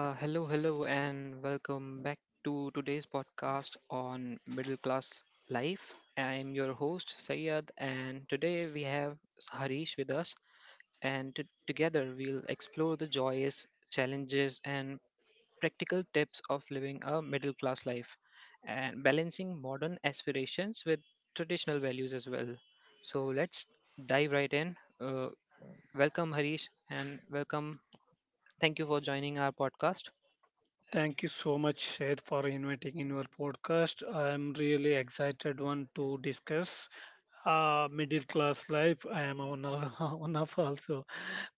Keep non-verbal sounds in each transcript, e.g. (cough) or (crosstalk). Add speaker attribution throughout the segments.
Speaker 1: Hello, hello, and welcome back to today's podcast on middle class life. I'm your host, Sayed, and today we have Harish with us, and together we'll explore the joys, challenges, and practical tips of living a middle class life and balancing modern aspirations with traditional values as well. So let's dive right in. Welcome, Harish, and welcome. Thank you for joining our podcast.
Speaker 2: Thank you so much, Shed, for inviting in your podcast. I am really excited one to discuss middle class life. I am one of, (laughs) one of also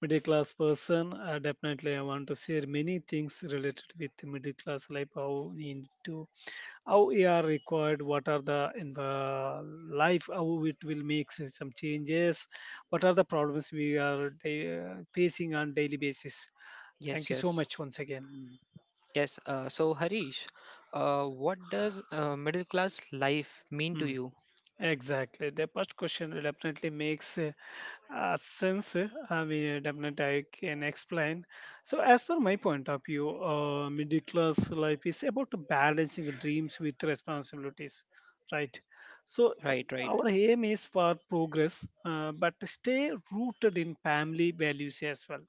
Speaker 2: middle class person. Definitely, I want to share many things related with the middle class life. How need to how we are required. What are the in the life? How it will make some changes. What are the problems we are facing on daily basis? Thank
Speaker 1: Yes,
Speaker 2: you so
Speaker 1: yes.
Speaker 2: much once again.
Speaker 1: Yes, so Harish, what does middle class life mean to
Speaker 2: Mm.
Speaker 1: you?
Speaker 2: Exactly. The first question definitely makes sense. I mean, definitely I can explain. So, as per my point of view, middle class life is about balancing dreams with responsibilities, right? So,
Speaker 1: Right, right.
Speaker 2: our aim is for progress, but stay rooted in family values as well.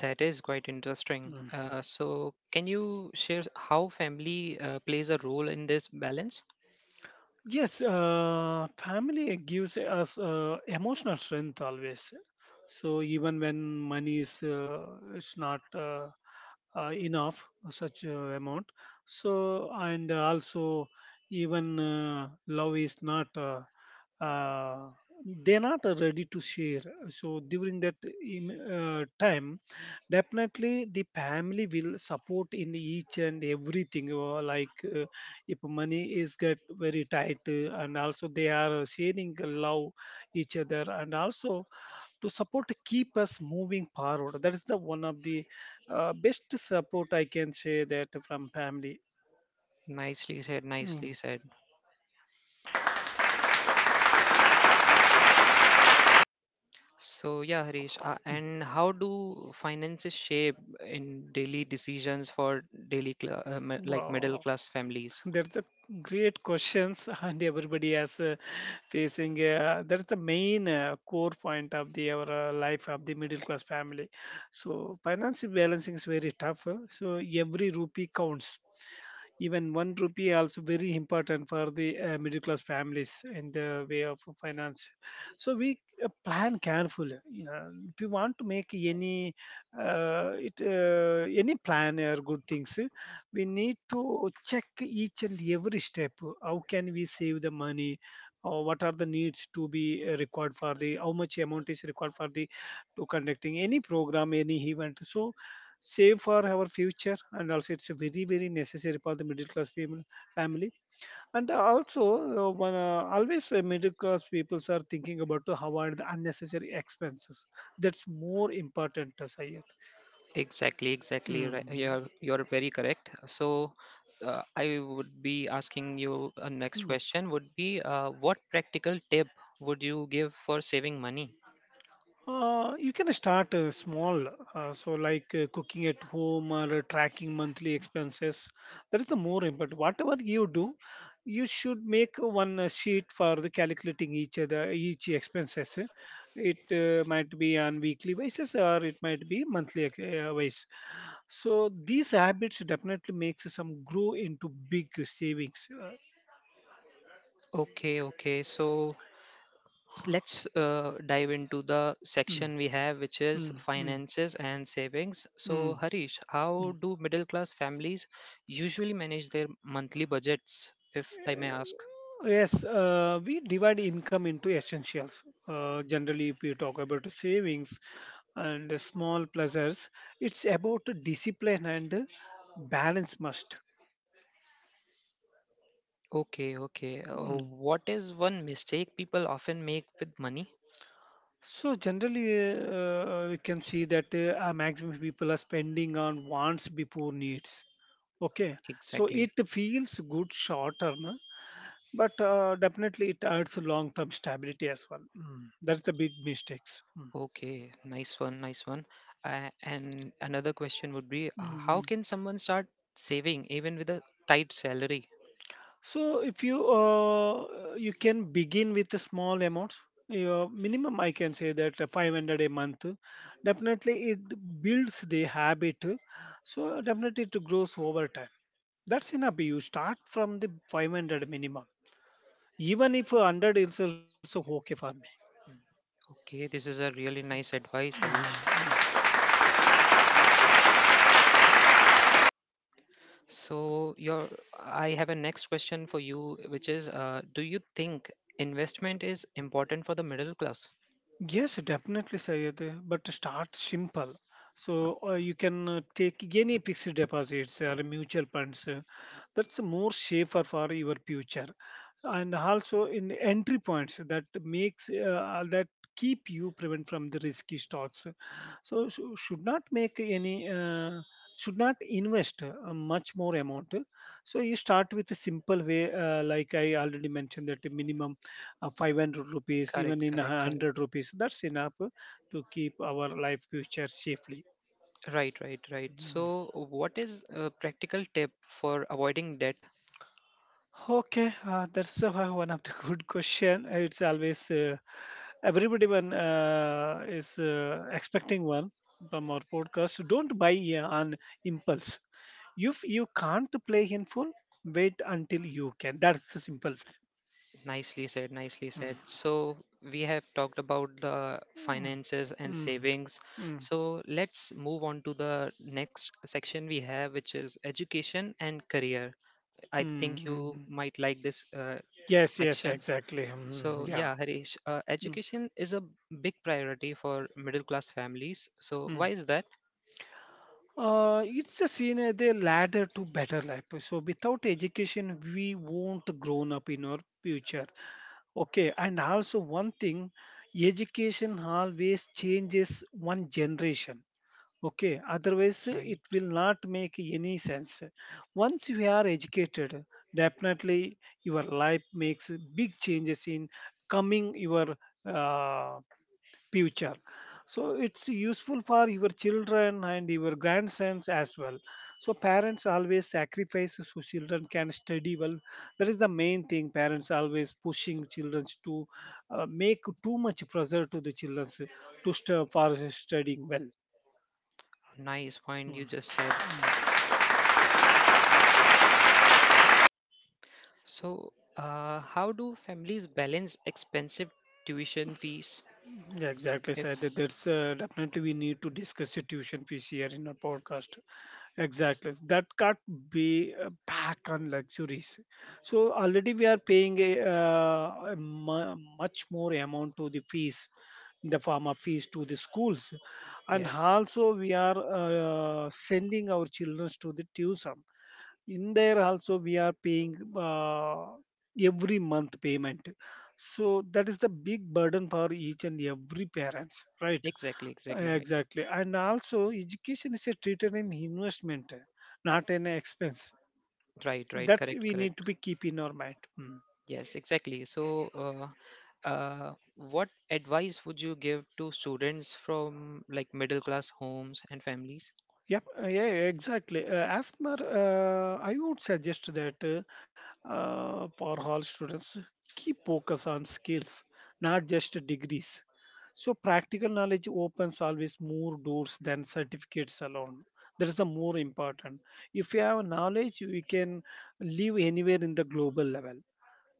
Speaker 1: That is quite interesting. So, can you share how family plays a role in this balance?
Speaker 2: Yes, family gives us emotional strength always. So even when money is it's not enough such amount, so and also even love is not uh, they're not ready to share. So during that time, definitely, the family will support in each and everything. Like if money is get very tight, and also they are sharing love each other, and also to support keep us moving forward. That is the one of the best support I can say that from family.
Speaker 1: Nicely said, nicely
Speaker 2: Mm.
Speaker 1: said. So, yeah, Harish, and how do finances shape in daily decisions for like middle
Speaker 2: Wow.
Speaker 1: class families?
Speaker 2: That's a great questions, (laughs) and everybody has facing. That's the main core point of the our life of the middle class family. So financial balancing is very tough. So every rupee counts. Even one rupee also very important for the middle class families in the way of finance. So we plan carefully. Yeah, if you want to make any it any plan or good things, we need to check each and every step, how can we save the money or what are the needs to be required for the, how much amount is required for the to conducting any program, any event, so save for our future, and also it's a very necessary for the middle class people family. And also one always middle class people are thinking about to avoid the unnecessary expenses. That's more important to.
Speaker 1: Exactly, exactly. Right. You're very correct. So, I would be asking you a next
Speaker 2: Mhm.
Speaker 1: question would be what practical tip would you give for saving money?
Speaker 2: You can start small, so like cooking at home or tracking monthly expenses. That is the more important. Whatever you do, you should make one sheet for the calculating each other each expenses. It might be on weekly basis, or it might be monthly basis. So these habits definitely makes some grow into big savings.
Speaker 1: Okay, okay. So let's dive into the
Speaker 2: Mm,
Speaker 1: section we have, which is
Speaker 2: mm, mm,
Speaker 1: finances and savings. So,
Speaker 2: mm,
Speaker 1: Harish, how
Speaker 2: mm.
Speaker 1: do middle class families usually manage their monthly budgets, if I may ask?
Speaker 2: Yes, we divide income into essentials. Generally, if we talk about savings and small pleasures, it's about the discipline and balance must.
Speaker 1: Okay, okay.
Speaker 2: Mm.
Speaker 1: What is one mistake people often make with money?
Speaker 2: So generally, we can see that our maximum people are spending on wants before needs. Okay, so it
Speaker 1: Exactly.
Speaker 2: feels good short term, but definitely it adds long term stability as well. Mm. That's the big mistakes. Mm.
Speaker 1: Okay, nice one, nice one. And another question would be, how
Speaker 2: Mhm.
Speaker 1: can someone start saving even with a tight salary?
Speaker 2: So if you you can begin with a small amounts, your minimum I can say that 500 a month. Definitely it builds the habit, so definitely it grows over time. That's enough. You start from the 500 minimum, even if 100 is also okay for me.
Speaker 1: Okay, this is a really nice advice, Harish.
Speaker 2: Mhm.
Speaker 1: So, your I have a next question for you, which is, do you think investment is important for the middle class?
Speaker 2: Yes, definitely, Sayed, but start simple. So you can take any fixed deposits or mutual funds. That's more safer for your future, and also in the entry points that makes that keep you prevent from the risky stocks, so should not make any should not invest much more amount. So you start with a simple way, like I already mentioned that the minimum 500 rupees, even
Speaker 1: Correct,
Speaker 2: in
Speaker 1: correct,
Speaker 2: 100
Speaker 1: correct.
Speaker 2: rupees, that's enough to keep our life future safely.
Speaker 1: Right, right, right.
Speaker 2: Mm-hmm.
Speaker 1: So, what is a practical tip for avoiding debt?
Speaker 2: Okay, that's (laughs) one of the good question. It's always everybody when is expecting one from our podcast. Don't buy on impulse. If you can't play in full, wait until you can. That's the simple.
Speaker 1: Nicely said, nicely
Speaker 2: Mm.
Speaker 1: said. So, we have talked about the
Speaker 2: Mm.
Speaker 1: finances and
Speaker 2: Mm.
Speaker 1: savings.
Speaker 2: Mm.
Speaker 1: So, let's move on to the next section we have, which is education and career. I
Speaker 2: Mm.
Speaker 1: think
Speaker 2: Mm.
Speaker 1: you might like this
Speaker 2: Yes, yes,
Speaker 1: section.
Speaker 2: exactly. Mm.
Speaker 1: So,
Speaker 2: Yeah.
Speaker 1: yeah, Harish,
Speaker 2: Mm.
Speaker 1: education is a big priority for middle class families. So,
Speaker 2: Mm.
Speaker 1: why is that?
Speaker 2: It's a seen as a ladder to better life. So without education, we won't grown up in our future. Okay, and also one thing, education always changes one generation. Okay, otherwise
Speaker 1: Right,
Speaker 2: it will not make any sense. Once you are educated, definitely your life makes big changes in coming your uh, future. So it's useful for your children and your grandsons as well. So parents always sacrifice so children can study well. That is the main thing, parents always pushing children to make too much pressure to the children to for studying well.
Speaker 1: nice point you just said.
Speaker 2: Mm.
Speaker 1: So, how do families balance expensive tuition fees?
Speaker 2: yeah, exactly,
Speaker 1: If
Speaker 2: Said. That that's definitely we need to discuss the tuition fees here in our podcast. Exactly, that can't be back on luxuries. So already we are paying a much more amount to the fees in the form of fees to the schools, and
Speaker 1: yes.
Speaker 2: also we are sending our children to the tuition. In there also we are paying every month payment. So that is the big burden for each and every parents, right?
Speaker 1: Exactly, exactly right.
Speaker 2: Exactly. And also education is a treated an investment, not an expense.
Speaker 1: Right, right,
Speaker 2: That's
Speaker 1: correct,
Speaker 2: we
Speaker 1: correct.
Speaker 2: need to be keep in our mind. Hmm.
Speaker 1: Yes, exactly. So, what advice would you give to students from like middle class homes and families?
Speaker 2: Yep, yeah, exactly. As per, I would suggest that for all students, keep focus on skills, not just degrees. So practical knowledge opens always more doors than certificates alone. That is the more important. If you have knowledge, you can live anywhere in the global level,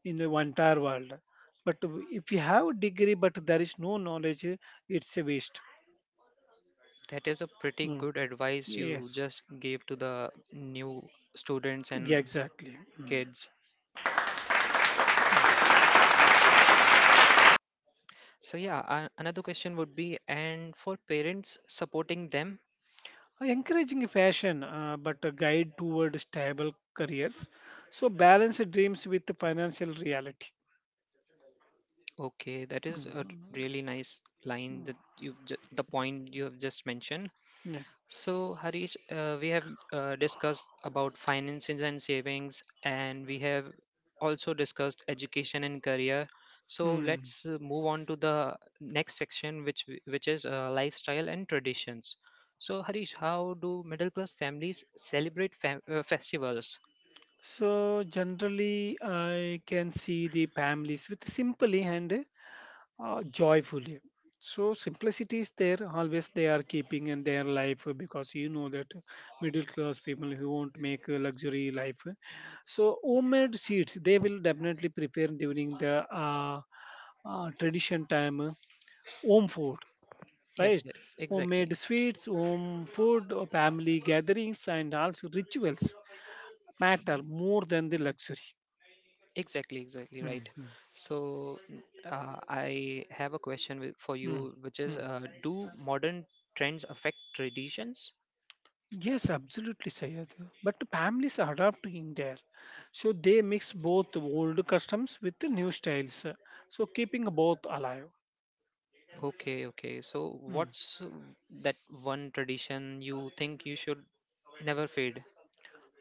Speaker 2: in the entire world. But if you have a degree but there is no knowledge, it's a waste.
Speaker 1: That is a pretty
Speaker 2: Mm.
Speaker 1: good advice you
Speaker 2: Yes,
Speaker 1: just gave to the new students
Speaker 2: yeah,
Speaker 1: and
Speaker 2: exactly. Mm.
Speaker 1: kids.
Speaker 2: Thank you.
Speaker 1: So, yeah, another question would be, and for parents supporting them?
Speaker 2: Encouraging fashion but a guide toward stable careers, so balance dreams with financial reality.
Speaker 1: Okay, that is a
Speaker 2: Mhm.
Speaker 1: really nice line that the point you have just mentioned.
Speaker 2: Yeah.
Speaker 1: So, Harish, we have discussed about finances and savings, and we have also discussed education and career. So,
Speaker 2: Mm.
Speaker 1: let's move on to the next section, which is lifestyle and traditions. So, Harish, how do middle class families celebrate festivals?
Speaker 2: So generally, I can see the families with simply and joyfully. So simplicity is there always. They are keeping in their life because you know that middle class people who won't make a luxury life. So homemade seeds they will definitely prepare during the tradition time, home food,
Speaker 1: Yes,
Speaker 2: right?
Speaker 1: yes, exactly,
Speaker 2: Homemade sweets, home food, family gatherings, and also rituals matter more than the luxury.
Speaker 1: exactly, exactly, right.
Speaker 2: Mhm,
Speaker 1: So, I have a question for
Speaker 2: mm,
Speaker 1: you, which is,
Speaker 2: mm.
Speaker 1: do modern trends affect traditions?
Speaker 2: Yes, absolutely, Sayed. But families are adapting there. So they mix both old customs with the new styles. So keeping both alive.
Speaker 1: Okay, okay. So,
Speaker 2: Mm.
Speaker 1: what's that one tradition you think you should never fade?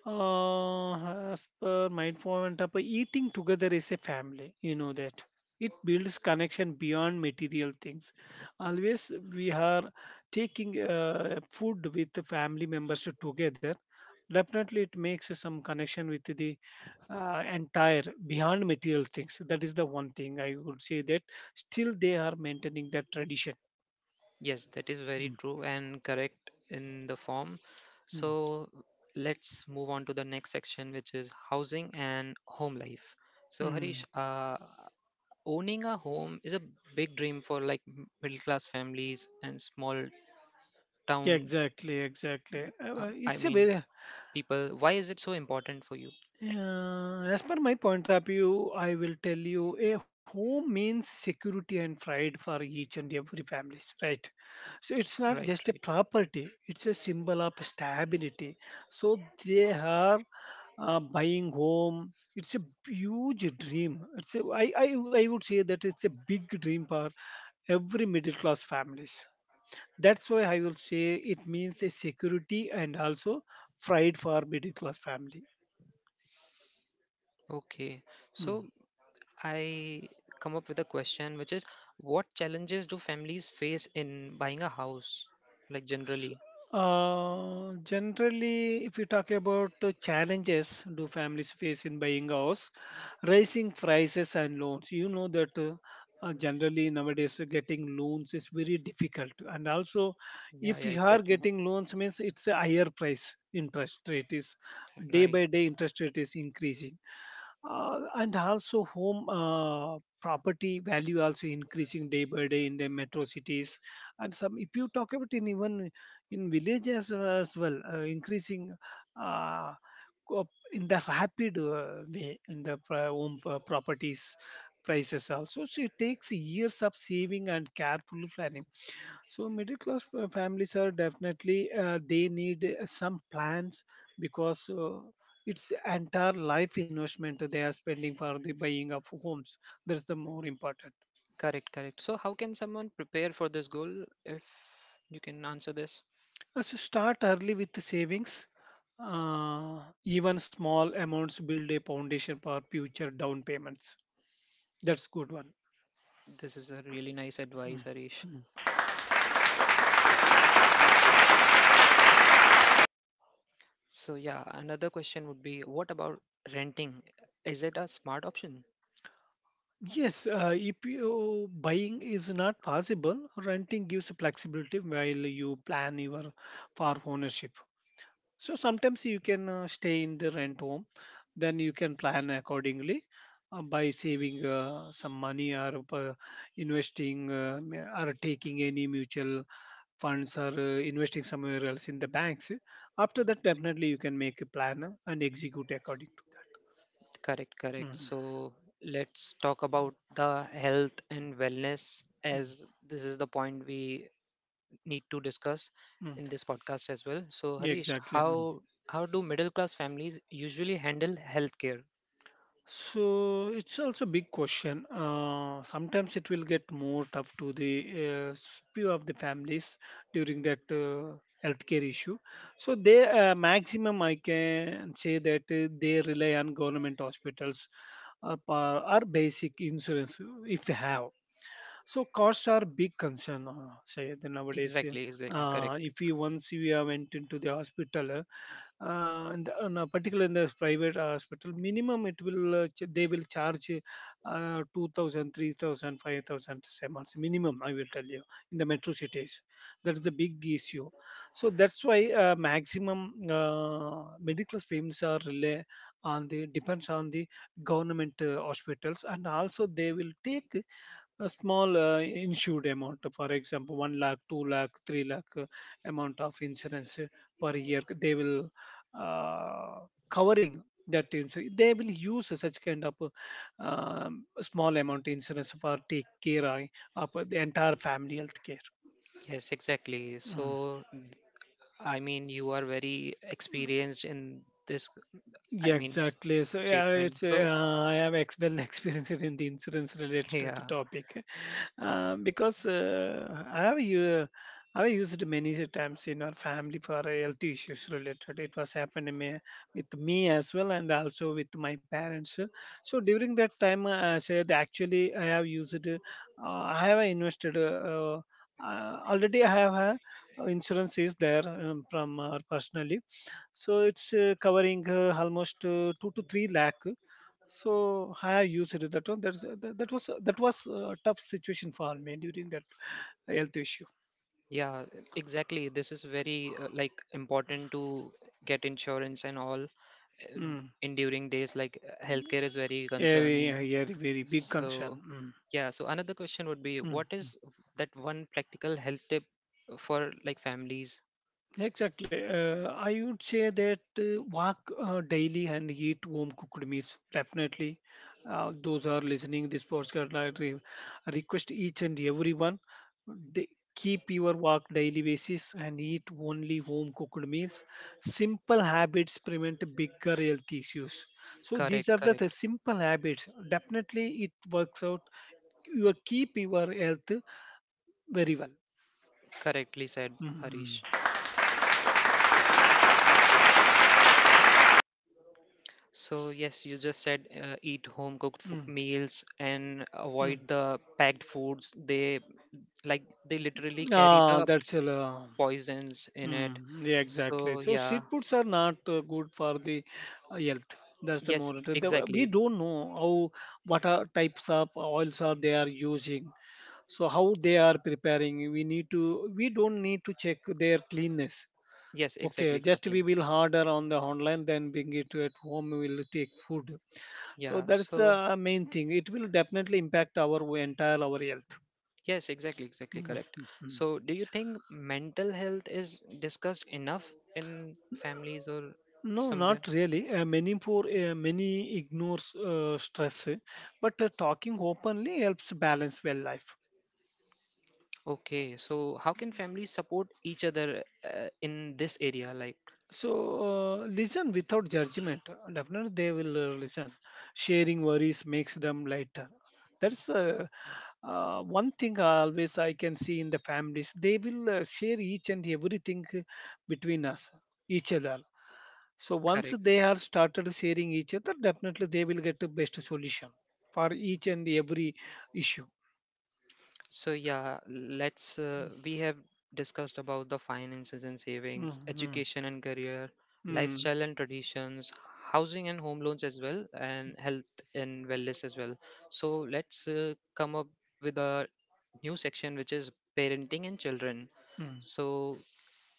Speaker 2: Uh, as per mindful and tapa, eating together is a family. You know that it builds connection beyond material things. Always we are taking food with the family members together. Definitely, it makes some connection with the entire beyond material things. That is the one thing I would say that still they are maintaining that tradition.
Speaker 1: Yes, that is very
Speaker 2: Mm.
Speaker 1: true and correct in the form.
Speaker 2: Mm.
Speaker 1: So, let's move on to the next section, which is housing and home life. So, Harish,
Speaker 2: Mm.
Speaker 1: owning a home is a big dream for like middle class families and small town,
Speaker 2: Exactly, exactly.
Speaker 1: I
Speaker 2: It's a
Speaker 1: mean,
Speaker 2: very
Speaker 1: people. Why is it so important for you?
Speaker 2: As per my point of view, I will tell you a home means security and pride for each and every families, right? So it's not
Speaker 1: Right,
Speaker 2: just a
Speaker 1: right.
Speaker 2: property; it's a symbol of stability. So they are buying home. It's a huge dream. It's a, I would say that it's a big dream for every middle class families. That's why I will say it means a security and also pride for middle class family.
Speaker 1: Okay.
Speaker 2: Mm.
Speaker 1: So I come up with a question, which is what challenges do families face in buying a house? Like
Speaker 2: S-
Speaker 1: generally.
Speaker 2: Generally, if you talk about the challenges do families face in buying house, rising prices and loans. You know that generally nowadays getting loans is very difficult, and also
Speaker 1: Yeah,
Speaker 2: if
Speaker 1: yeah,
Speaker 2: you are
Speaker 1: exactly.
Speaker 2: getting loans means it's a higher price, interest rate is day
Speaker 1: Right.
Speaker 2: by day interest rate is increasing, and also home property value also increasing day by day in the metro cities, and some if you talk about in even in villages as well increasing uh, in the rapid way in the home properties prices also. So it takes years of saving and careful planning. So middle class families are definitely they need some plans, because it's entire life investment they are spending for the buying of homes. That's the more important.
Speaker 1: Correct, correct. So, how can someone prepare for this goal if you can answer this?
Speaker 2: So start early with the savings. Even small amounts build a foundation for future down payments. That's good one.
Speaker 1: This is a really nice advice,
Speaker 2: Mm.
Speaker 1: Harish.
Speaker 2: Mm.
Speaker 1: So, yeah, another question would be what about renting? Is it a smart option?
Speaker 2: Yes, if you buying is not possible, renting gives flexibility while you plan your for ownership. So sometimes you can stay in the rent home, then you can plan accordingly by saving some money or investing or taking any mutual funds or investing somewhere else in the banks. After that, definitely you can make a plan and execute according to
Speaker 1: Correct,
Speaker 2: that.
Speaker 1: correct.
Speaker 2: Mm,
Speaker 1: So let's talk about the health and wellness,
Speaker 2: mm,
Speaker 1: as this is the point we need to discuss
Speaker 2: mm.
Speaker 1: in this podcast as well. So
Speaker 2: Yeah,
Speaker 1: Harish,
Speaker 2: exactly.
Speaker 1: how do middle class families usually handle healthcare?
Speaker 2: So it's also a big question. Sometimes it will get more tough to the few of the families during that healthcare issue. So they maximum I can say that they rely on government hospitals or basic insurance if you have. So costs are big concern. Say nowadays,
Speaker 1: Exactly, exactly, correct.
Speaker 2: if you once you have went into the hospital and on a particular in the private hospital minimum it will they will charge 2000 a month minimum I will tell you in the metro cities, that is the big issue. So that's why maximum medical payments are rely on the depends on the government hospitals, and also they will take a small insured amount, for example, 1 lakh, 2 lakh, 3 lakh amount of insurance per year, they will uh, covering that insurance. They will use such kind of small amount insurance for take care of the entire family health care.
Speaker 1: Yes, exactly.
Speaker 2: Mm.
Speaker 1: So I mean, you are very experienced in this. I
Speaker 2: Yeah,
Speaker 1: mean,
Speaker 2: exactly. So yeah,
Speaker 1: statement.
Speaker 2: it's
Speaker 1: So
Speaker 2: I have ex- well (laughs) experienced in the insurance
Speaker 1: (laughs)
Speaker 2: related with the
Speaker 1: yeah,
Speaker 2: topic. Because I have you I have used many times in our family for health issues related. It was happened in me, with me as well, and also with my parents. So during that time, I said actually I have used, I have invested. Already I have insurance is there from our personally. So it's covering almost two to three lakh. So I used that one. That was a tough situation for me during that health issue.
Speaker 1: yeah, exactly. This is very like important to get insurance and all um,
Speaker 2: Mm.
Speaker 1: enduring days like healthcare is very
Speaker 2: Very,
Speaker 1: concerning,
Speaker 2: very, very big
Speaker 1: so
Speaker 2: concern. Mm.
Speaker 1: yeah, so another question would be what
Speaker 2: Mm.
Speaker 1: is that one practical health tip for like families.
Speaker 2: Exactly. I would say that walk daily and eat home cooked meals. Definitely, those are listening this podcast. Request each and everyone they keep your walk daily basis and eat only home cooked meals. Simple habits prevent bigger health issues. So these
Speaker 1: Correct,
Speaker 2: are the
Speaker 1: correct,
Speaker 2: simple habits. Definitely, it works out. You keep your health very well.
Speaker 1: correctly said, Harish.
Speaker 2: Mm,
Speaker 1: So yes, you just said, eat home cooked
Speaker 2: mm,
Speaker 1: meals and
Speaker 2: mm.
Speaker 1: avoid the packed foods. They like, they literally carry
Speaker 2: Ah,
Speaker 1: the
Speaker 2: that's a. lo-
Speaker 1: poisons in it.
Speaker 2: Mm, yeah, exactly.
Speaker 1: So
Speaker 2: So
Speaker 1: yeah,
Speaker 2: street foods are not good for the health. That's the
Speaker 1: yes
Speaker 2: more
Speaker 1: exactly,
Speaker 2: we don't know how what are types of oils are they are using. So how they are preparing. We don't need to check their cleanness.
Speaker 1: yes
Speaker 2: Okay,
Speaker 1: exactly
Speaker 2: just
Speaker 1: exactly,
Speaker 2: we will order on the online, then bring it to at home. We will take food. So
Speaker 1: yeah,
Speaker 2: that's the
Speaker 1: so
Speaker 2: main thing. It will definitely impact our entire our health.
Speaker 1: yes, exactly, exactly correct.
Speaker 2: (laughs) Mm.
Speaker 1: So, do you think mental health is discussed enough in families or
Speaker 2: No,
Speaker 1: somewhere?
Speaker 2: not really. Many ignores stress, but talking openly helps balance well life.
Speaker 1: Okay, so how can families support each other in this area? Like,
Speaker 2: So listen without judgment. Definitely, they will listen. Sharing worries makes them lighter. That's one thing always I can see in the families. They will share each and everything between us, each other. So once
Speaker 1: correct.
Speaker 2: they are started sharing each other, definitely they will get the best solution for each and every issue.
Speaker 1: So, yeah, let's we have discussed about the finances and savings,
Speaker 2: Mm-hmm.
Speaker 1: education and career,
Speaker 2: Mm,
Speaker 1: lifestyle and traditions, housing and home loans as well, and health and wellness as well. So, let's come up with a new section, which is parenting and children.
Speaker 2: mm,
Speaker 1: So,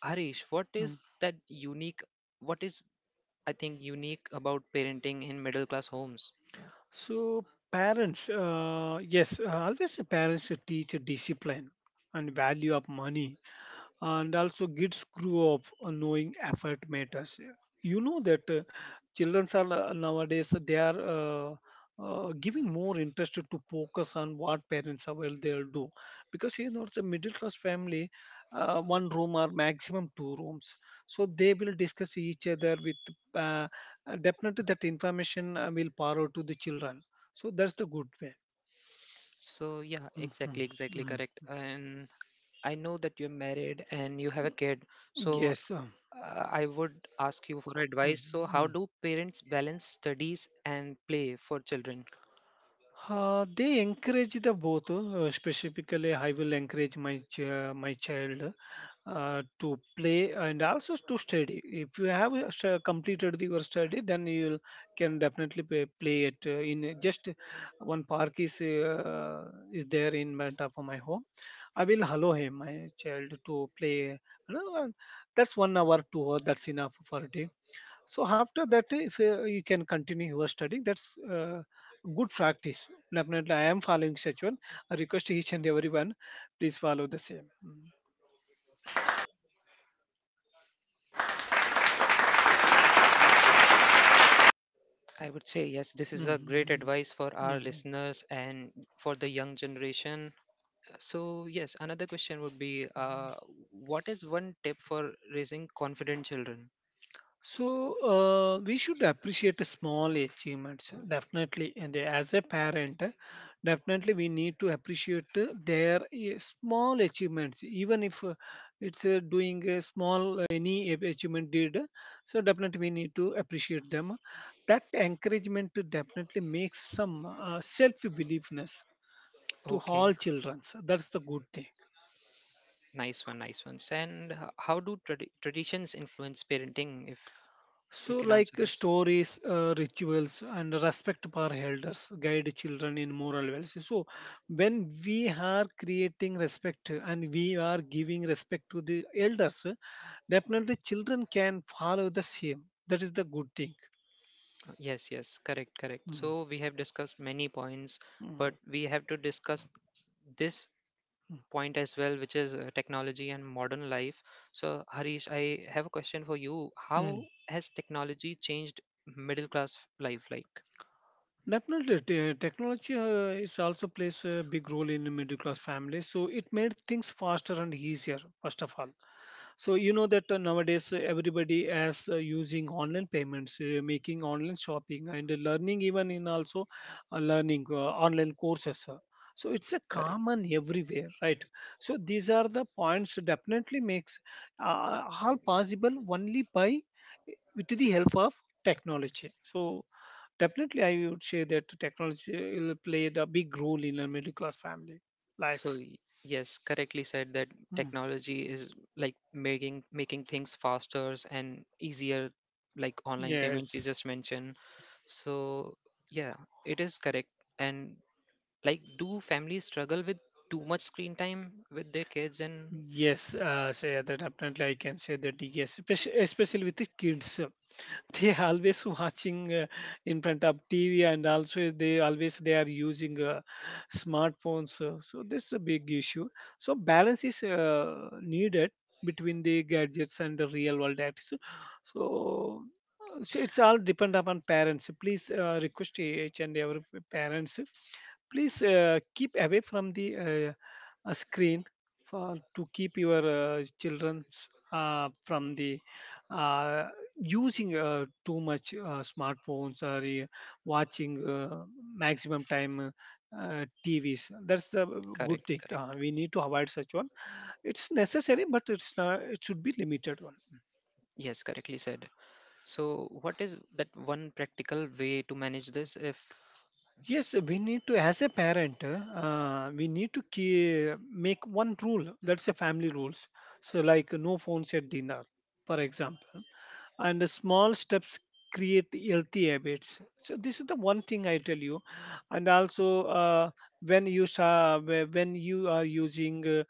Speaker 1: Harish, what
Speaker 2: mm.
Speaker 1: is that unique? What is, I think, unique about parenting in middle class homes?
Speaker 2: So parents, yes, always the parents should teach discipline and value of money, and also kids grew up knowing effort matters. You know that children are nowadays they are giving more interest to focus on what parents are well they'll do, because you know the middle class family, one room or maximum two rooms, so they will discuss each other with uh, definitely that information will forward to the children. So that's the good way.
Speaker 1: So, yeah,
Speaker 2: Mhm.
Speaker 1: exactly, exactly
Speaker 2: Mm.
Speaker 1: correct. And I know that you're married and you have a kid. So,
Speaker 2: Yes
Speaker 1: I would ask you for advice. So, how
Speaker 2: mhm.
Speaker 1: do parents balance studies and play for children?
Speaker 2: They encourage the both. Specifically, I will encourage my child to play and also to study. If you have completed your study, then you can definitely play it just one park is there in my top of my home. I will allow him my child to play. You know, and that's 1 hour, 2 hour. That's enough for a day. So after that, if you can continue your studying, that's good practice. Definitely, I am following such one. I request each and everyone, please follow the same. Mm.
Speaker 1: I would say, yes, this is a great
Speaker 2: Mhm.
Speaker 1: advice for our
Speaker 2: Mhm.
Speaker 1: listeners and for the young generation. So, yes, another question would be, what is one tip for raising confident children?
Speaker 2: So we should appreciate small achievements definitely, and they- as a parent, definitely we need to appreciate their small achievements, even if it's doing a small achievement did. So definitely we need to appreciate them. That encouragement definitely makes some self-believeness to
Speaker 1: Okay,
Speaker 2: all children. That's the good thing.
Speaker 1: nice one, nice ones. And how do traditions influence parenting? If you
Speaker 2: So,
Speaker 1: can
Speaker 2: like
Speaker 1: answer this.
Speaker 2: stories, rituals, and respect for elders guide children in moral values. So, when we are creating respect and we are giving respect to the elders, definitely children can follow the same. That is the good thing.
Speaker 1: Yes, yes, correct, correct.
Speaker 2: Mm,
Speaker 1: So, we have discussed many points, but
Speaker 2: mm,
Speaker 1: we have to discuss this point as well, which is technology and modern life. So, Harish, I have a question for you. How
Speaker 2: mm,
Speaker 1: has technology changed middle class life like?
Speaker 2: Definitely, technology is also plays a big role in middle class families. So it made things faster and easier. First of all, so you know that nowadays everybody is using online payments, making online shopping and learning, even in also learning online courses. So it's a
Speaker 1: Correct.
Speaker 2: common everywhere, right? So these are the points definitely makes all possible only by with the help of technology. So definitely, I would say that technology will play the big role in a middle class family life.
Speaker 1: So yes, correctly said that
Speaker 2: Hmm.
Speaker 1: technology is like making things faster and easier, like online payments you
Speaker 2: Yes.
Speaker 1: just mentioned. So yeah, it is correct. And like, do families struggle with too much screen time with their kids? And
Speaker 2: Yes, say that definitely I can say that yes, especially, especially with the kids. They (laughs) are always watching in front of tv, and also they always they are using smartphones. So this is a big issue. So balance is needed between the gadgets and the real world acts. So so it's all depend upon parents. Please request each and every parents, please keep away from the a screen for to keep your children's from the uh, using too much smartphones or watching maximum time TVs. That's the
Speaker 1: correct,
Speaker 2: good thing.
Speaker 1: correct.
Speaker 2: We need to avoid such one. It's necessary, but it's not, it should be limited one.
Speaker 1: Yes, correctly said. So, what is that one practical way to manage this? If
Speaker 2: Yes, we need to, as a parent, we need to make one rule. That's a family rules. So, like no phones at dinner, for example, and the small steps create healthy habits. So this is the one thing I tell you. And also when when you are using uh,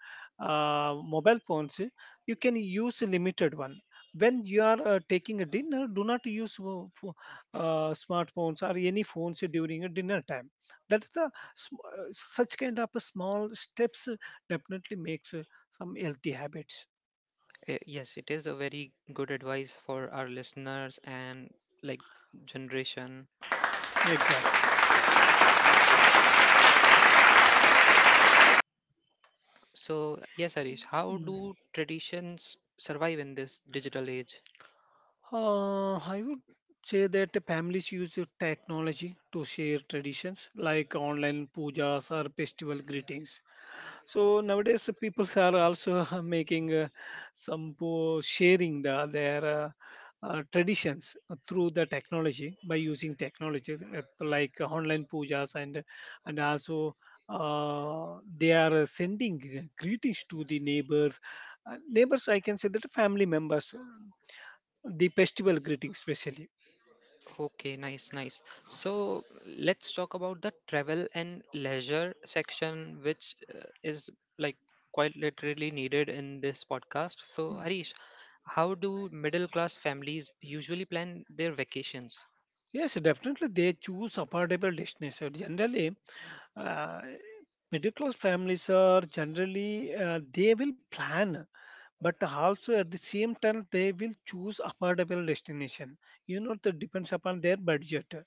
Speaker 2: uh, mobile phones, you can use a limited one. When you are taking a dinner, do not use smartphones or any phones during a dinner time. That's the such kind of a small steps definitely makes some healthy habits.
Speaker 1: eh, yes, it is a very good advice for our listeners and like generation.
Speaker 2: Exactly.
Speaker 1: So, yes, Harish, how do traditions survive in this digital age?
Speaker 2: I would say that the families use the technology to share traditions like online pujas or festival greetings. So nowadays, the people are also (laughs) making sharing their traditions through the technology by using technology like online pujas, and also they are sending greetings to the neighbors, neighbors I can say that family members, the festival greeting especially.
Speaker 1: Okay, nice, nice. So let's talk about the travel and leisure section, which is like quite literally needed in this podcast. So,
Speaker 2: Mm.
Speaker 1: Harish, how do middle class families usually plan their vacations?
Speaker 2: Yes, definitely they choose affordable destination generally. uh, Middle class families are generally they will plan, but also at the same time they will choose affordable destination. You know that depends upon their budget.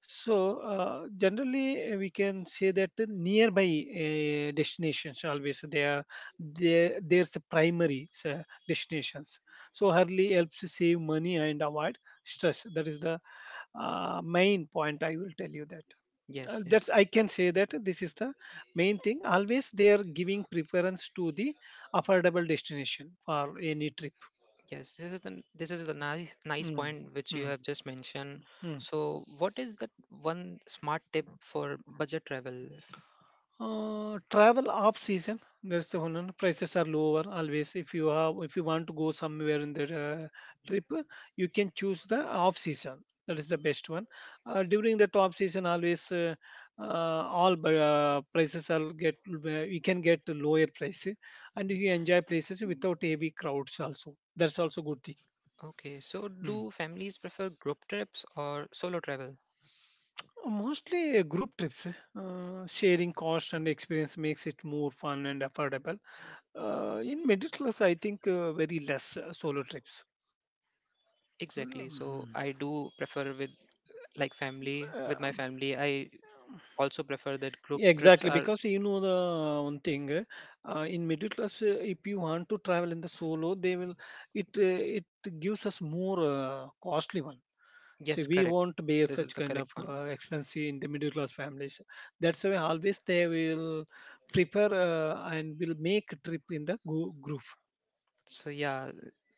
Speaker 2: So, generally, we can say that the nearby destinations always they are there. There's a primary destinations. So, hardly helps save money and avoid stress. That is the main point. I will tell you that.
Speaker 1: Yes,
Speaker 2: That's
Speaker 1: yes.
Speaker 2: I can say that this is the main thing. Always they are giving preference to the affordable destination for any trip.
Speaker 1: Yes, this is the nice nice
Speaker 2: Mm,
Speaker 1: point which you
Speaker 2: mm,
Speaker 1: have just mentioned.
Speaker 2: mm.
Speaker 1: So, what is that one smart tip for budget travel?
Speaker 2: Travel off season. That is the one. Prices are lower always. If you want to go somewhere in the trip, you can choose the off season. That is the best one. During the top season, always all prices are get. You can get the lower price, and you enjoy places without heavy crowds. Also, that's also good thing.
Speaker 1: Okay, so
Speaker 2: Mm.
Speaker 1: do families prefer group trips or solo travel?
Speaker 2: Mostly group trips. Sharing cost and experience makes it more fun and affordable. In middle class, I think very less solo trips.
Speaker 1: Exactly. So
Speaker 2: Mhm.
Speaker 1: I do prefer with like family, with my
Speaker 2: Um,
Speaker 1: family. I also prefer that group
Speaker 2: yeah,
Speaker 1: trips
Speaker 2: exactly,
Speaker 1: are,
Speaker 2: because you know the one thing in middle class, if you want to travel in the solo, they will it gives us more costly one. So
Speaker 1: yes,
Speaker 2: we
Speaker 1: correct.
Speaker 2: won't bear
Speaker 1: This is
Speaker 2: such
Speaker 1: the
Speaker 2: kind
Speaker 1: correct
Speaker 2: of
Speaker 1: one.
Speaker 2: expense in the middle class families. That's why always they will prefer and will make trip in the group.
Speaker 1: So yeah,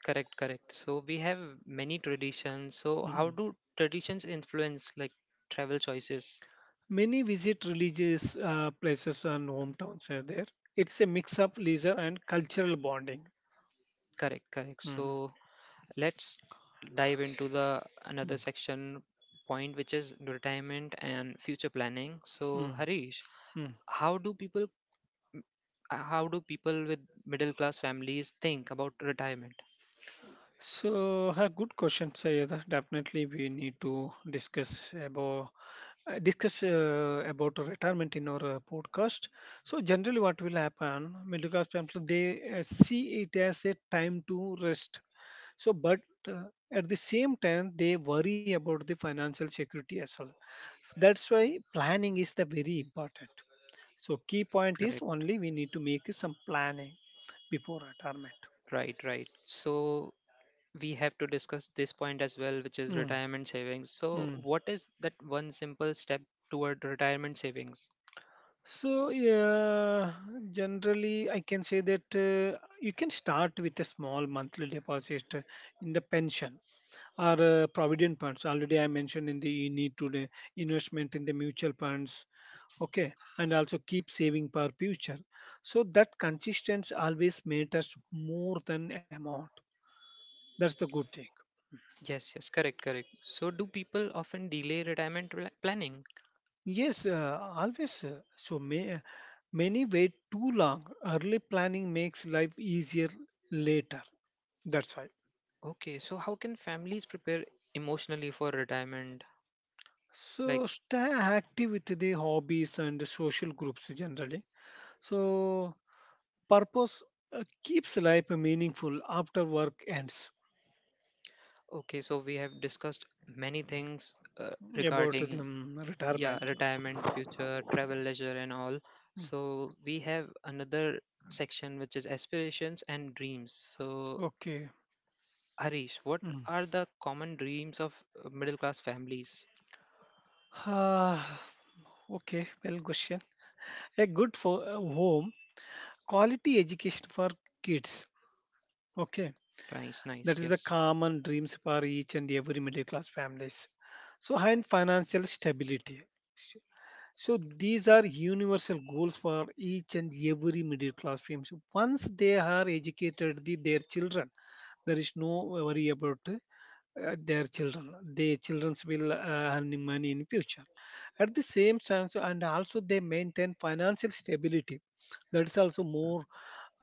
Speaker 1: correct, correct. So we have many traditions. So how
Speaker 2: Hmm.
Speaker 1: do traditions influence like travel choices?
Speaker 2: Many visit religious places and hometowns are there. It's a mix of leisure and cultural bonding.
Speaker 1: Correct, correct.
Speaker 2: Mm,
Speaker 1: So let's dive into the another
Speaker 2: mm,
Speaker 1: section point which is retirement and future planning. So
Speaker 2: mm,
Speaker 1: Harish,
Speaker 2: mm.
Speaker 1: how do people how do people with middle class families think about retirement?
Speaker 2: So, a good question, Sayeda. Definitely, we need to discuss about retirement in our podcast. So, generally, what will happen? Middle class people they see it as a time to rest. So, but uh, at the same time, they worry about the financial security as well. So that's why planning is the very important. So, key point is
Speaker 1: Correct.
Speaker 2: only we need to make some planning before retirement.
Speaker 1: Right, right. So we have to discuss this point as well, which is
Speaker 2: Mm,
Speaker 1: retirement savings. So,
Speaker 2: mm.
Speaker 1: what is that one simple step toward retirement savings?
Speaker 2: So, yeah, generally, I can say that you can start with a small monthly deposit in the pension or provident funds. Already, I mentioned in the you need to the investment in the mutual funds, okay, and also keep saving for future, so that consistency always matters more than amount. That's the good thing.
Speaker 1: Yes, yes, correct, correct. So, do people often delay retirement planning?
Speaker 2: Yes, many wait too long. Early planning makes life easier later. That's why.
Speaker 1: Okay, so how can families prepare emotionally for retirement? Like,
Speaker 2: So stay active with the hobbies and the social groups, generally, so purpose keeps life meaningful after work ends.
Speaker 1: okay, so we have discussed many things
Speaker 2: About the
Speaker 1: regarding yeah,
Speaker 2: retirement.
Speaker 1: retirement, future, travel, leisure, and all.
Speaker 2: Mm,
Speaker 1: So, we have another section which is aspirations and dreams. So,
Speaker 2: okay.
Speaker 1: Harish, what
Speaker 2: Mm.
Speaker 1: are the common dreams of middle class families?
Speaker 2: Ah, okay, well, question. A good for home, quality education for kids. Okay,
Speaker 1: Nice,
Speaker 2: that
Speaker 1: nice,
Speaker 2: is the
Speaker 1: yes.
Speaker 2: common dreams for each and every middle class families. So, and financial stability. So, so these are universal goals for each and every middle class family. So once they are educated, their children, there is no worry about the children will earn money in future. At the same time, and also they maintain financial stability. That is also more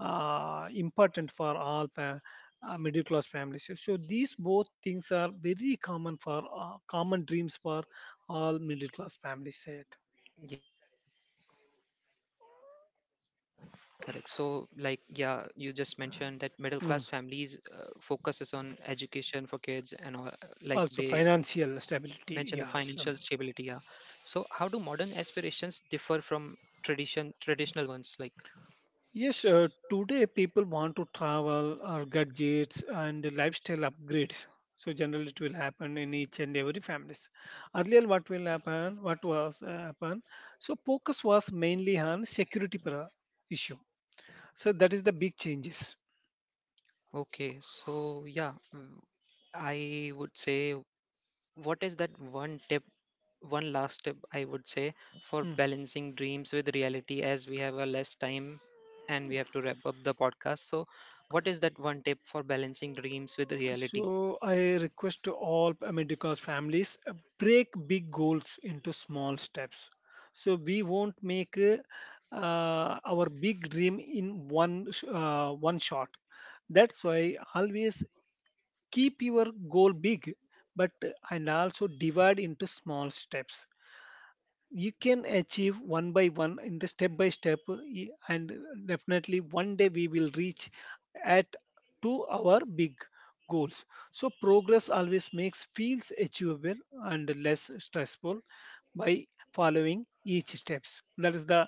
Speaker 2: important for middle class families. So, so these both things are very common for, common dreams for all middle class families said.
Speaker 1: Yes, correct, correct. So, like, yeah, you just mentioned that middle class families focuses on
Speaker 2: Mm.
Speaker 1: education for kids and all, like they
Speaker 2: Also
Speaker 1: mentioned the
Speaker 2: financial
Speaker 1: financial stability.
Speaker 2: stability,
Speaker 1: Yeah.
Speaker 2: yes.
Speaker 1: So, how do modern aspirations differ from traditional ones? Like,
Speaker 2: Yes, today people want to travel or gadgets and lifestyle upgrades. So generally, it will happen in each and every families. Earlier, what will happen? What was happen? So focus was mainly on issue. So that is the big changes.
Speaker 1: okay, so yeah, I would say, what is that one tip, one last tip I would say for
Speaker 2: Mm.
Speaker 1: balancing dreams with reality as we have a less time and we have to wrap up the podcast. So, what is that one tip for balancing dreams with reality?
Speaker 2: So I request to all America's families, break big goals into small steps. So we won't make our big dream in one shot. That's why always keep your goal big, but and also divide into small steps. You can achieve one by one in the step by step, and definitely one day we will reach at to our big goals. So progress always makes feels achievable and less stressful by following each steps. That is the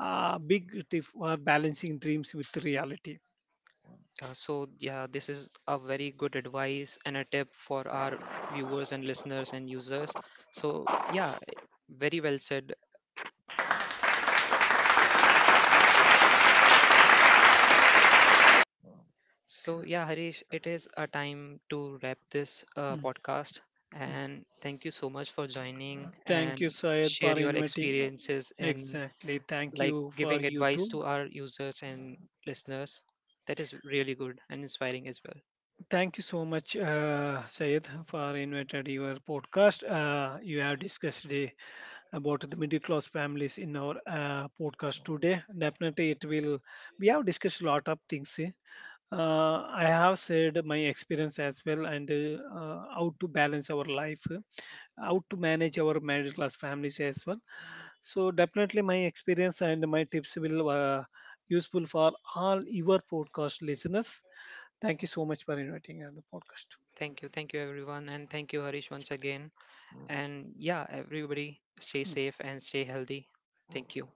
Speaker 2: big tip for balancing dreams with reality.
Speaker 1: So, yeah, this is a very good advice and a tip for our viewers and listeners and users. So, yeah, very well said. So, yeah, Harish, it is a time to wrap this
Speaker 2: Mm,
Speaker 1: podcast.
Speaker 2: mm.
Speaker 1: And thank you so much for joining
Speaker 2: Thank you,
Speaker 1: and
Speaker 2: Syed,
Speaker 1: share
Speaker 2: for
Speaker 1: your
Speaker 2: inviting.
Speaker 1: experiences and
Speaker 2: Exactly. Thank
Speaker 1: like
Speaker 2: you for
Speaker 1: giving
Speaker 2: you
Speaker 1: advice
Speaker 2: too.
Speaker 1: to our users and listeners. That is really good and inspiring as well.
Speaker 2: Thank you so much, Syed, for invited your podcast. You have discussed the, about the middle class families in our podcast today. Definitely, it will. We have discussed a lot of things. Eh. I have said my experience as well, and how to balance our life, eh, how to manage our middle class families as well. So definitely my experience and my tips will useful for all your podcast listeners. Thank you so much for inviting on the podcast.
Speaker 1: Thank you everyone, and thank you Harish once again. And yeah, everybody stay
Speaker 2: Hmm.
Speaker 1: safe and stay healthy. Thank you.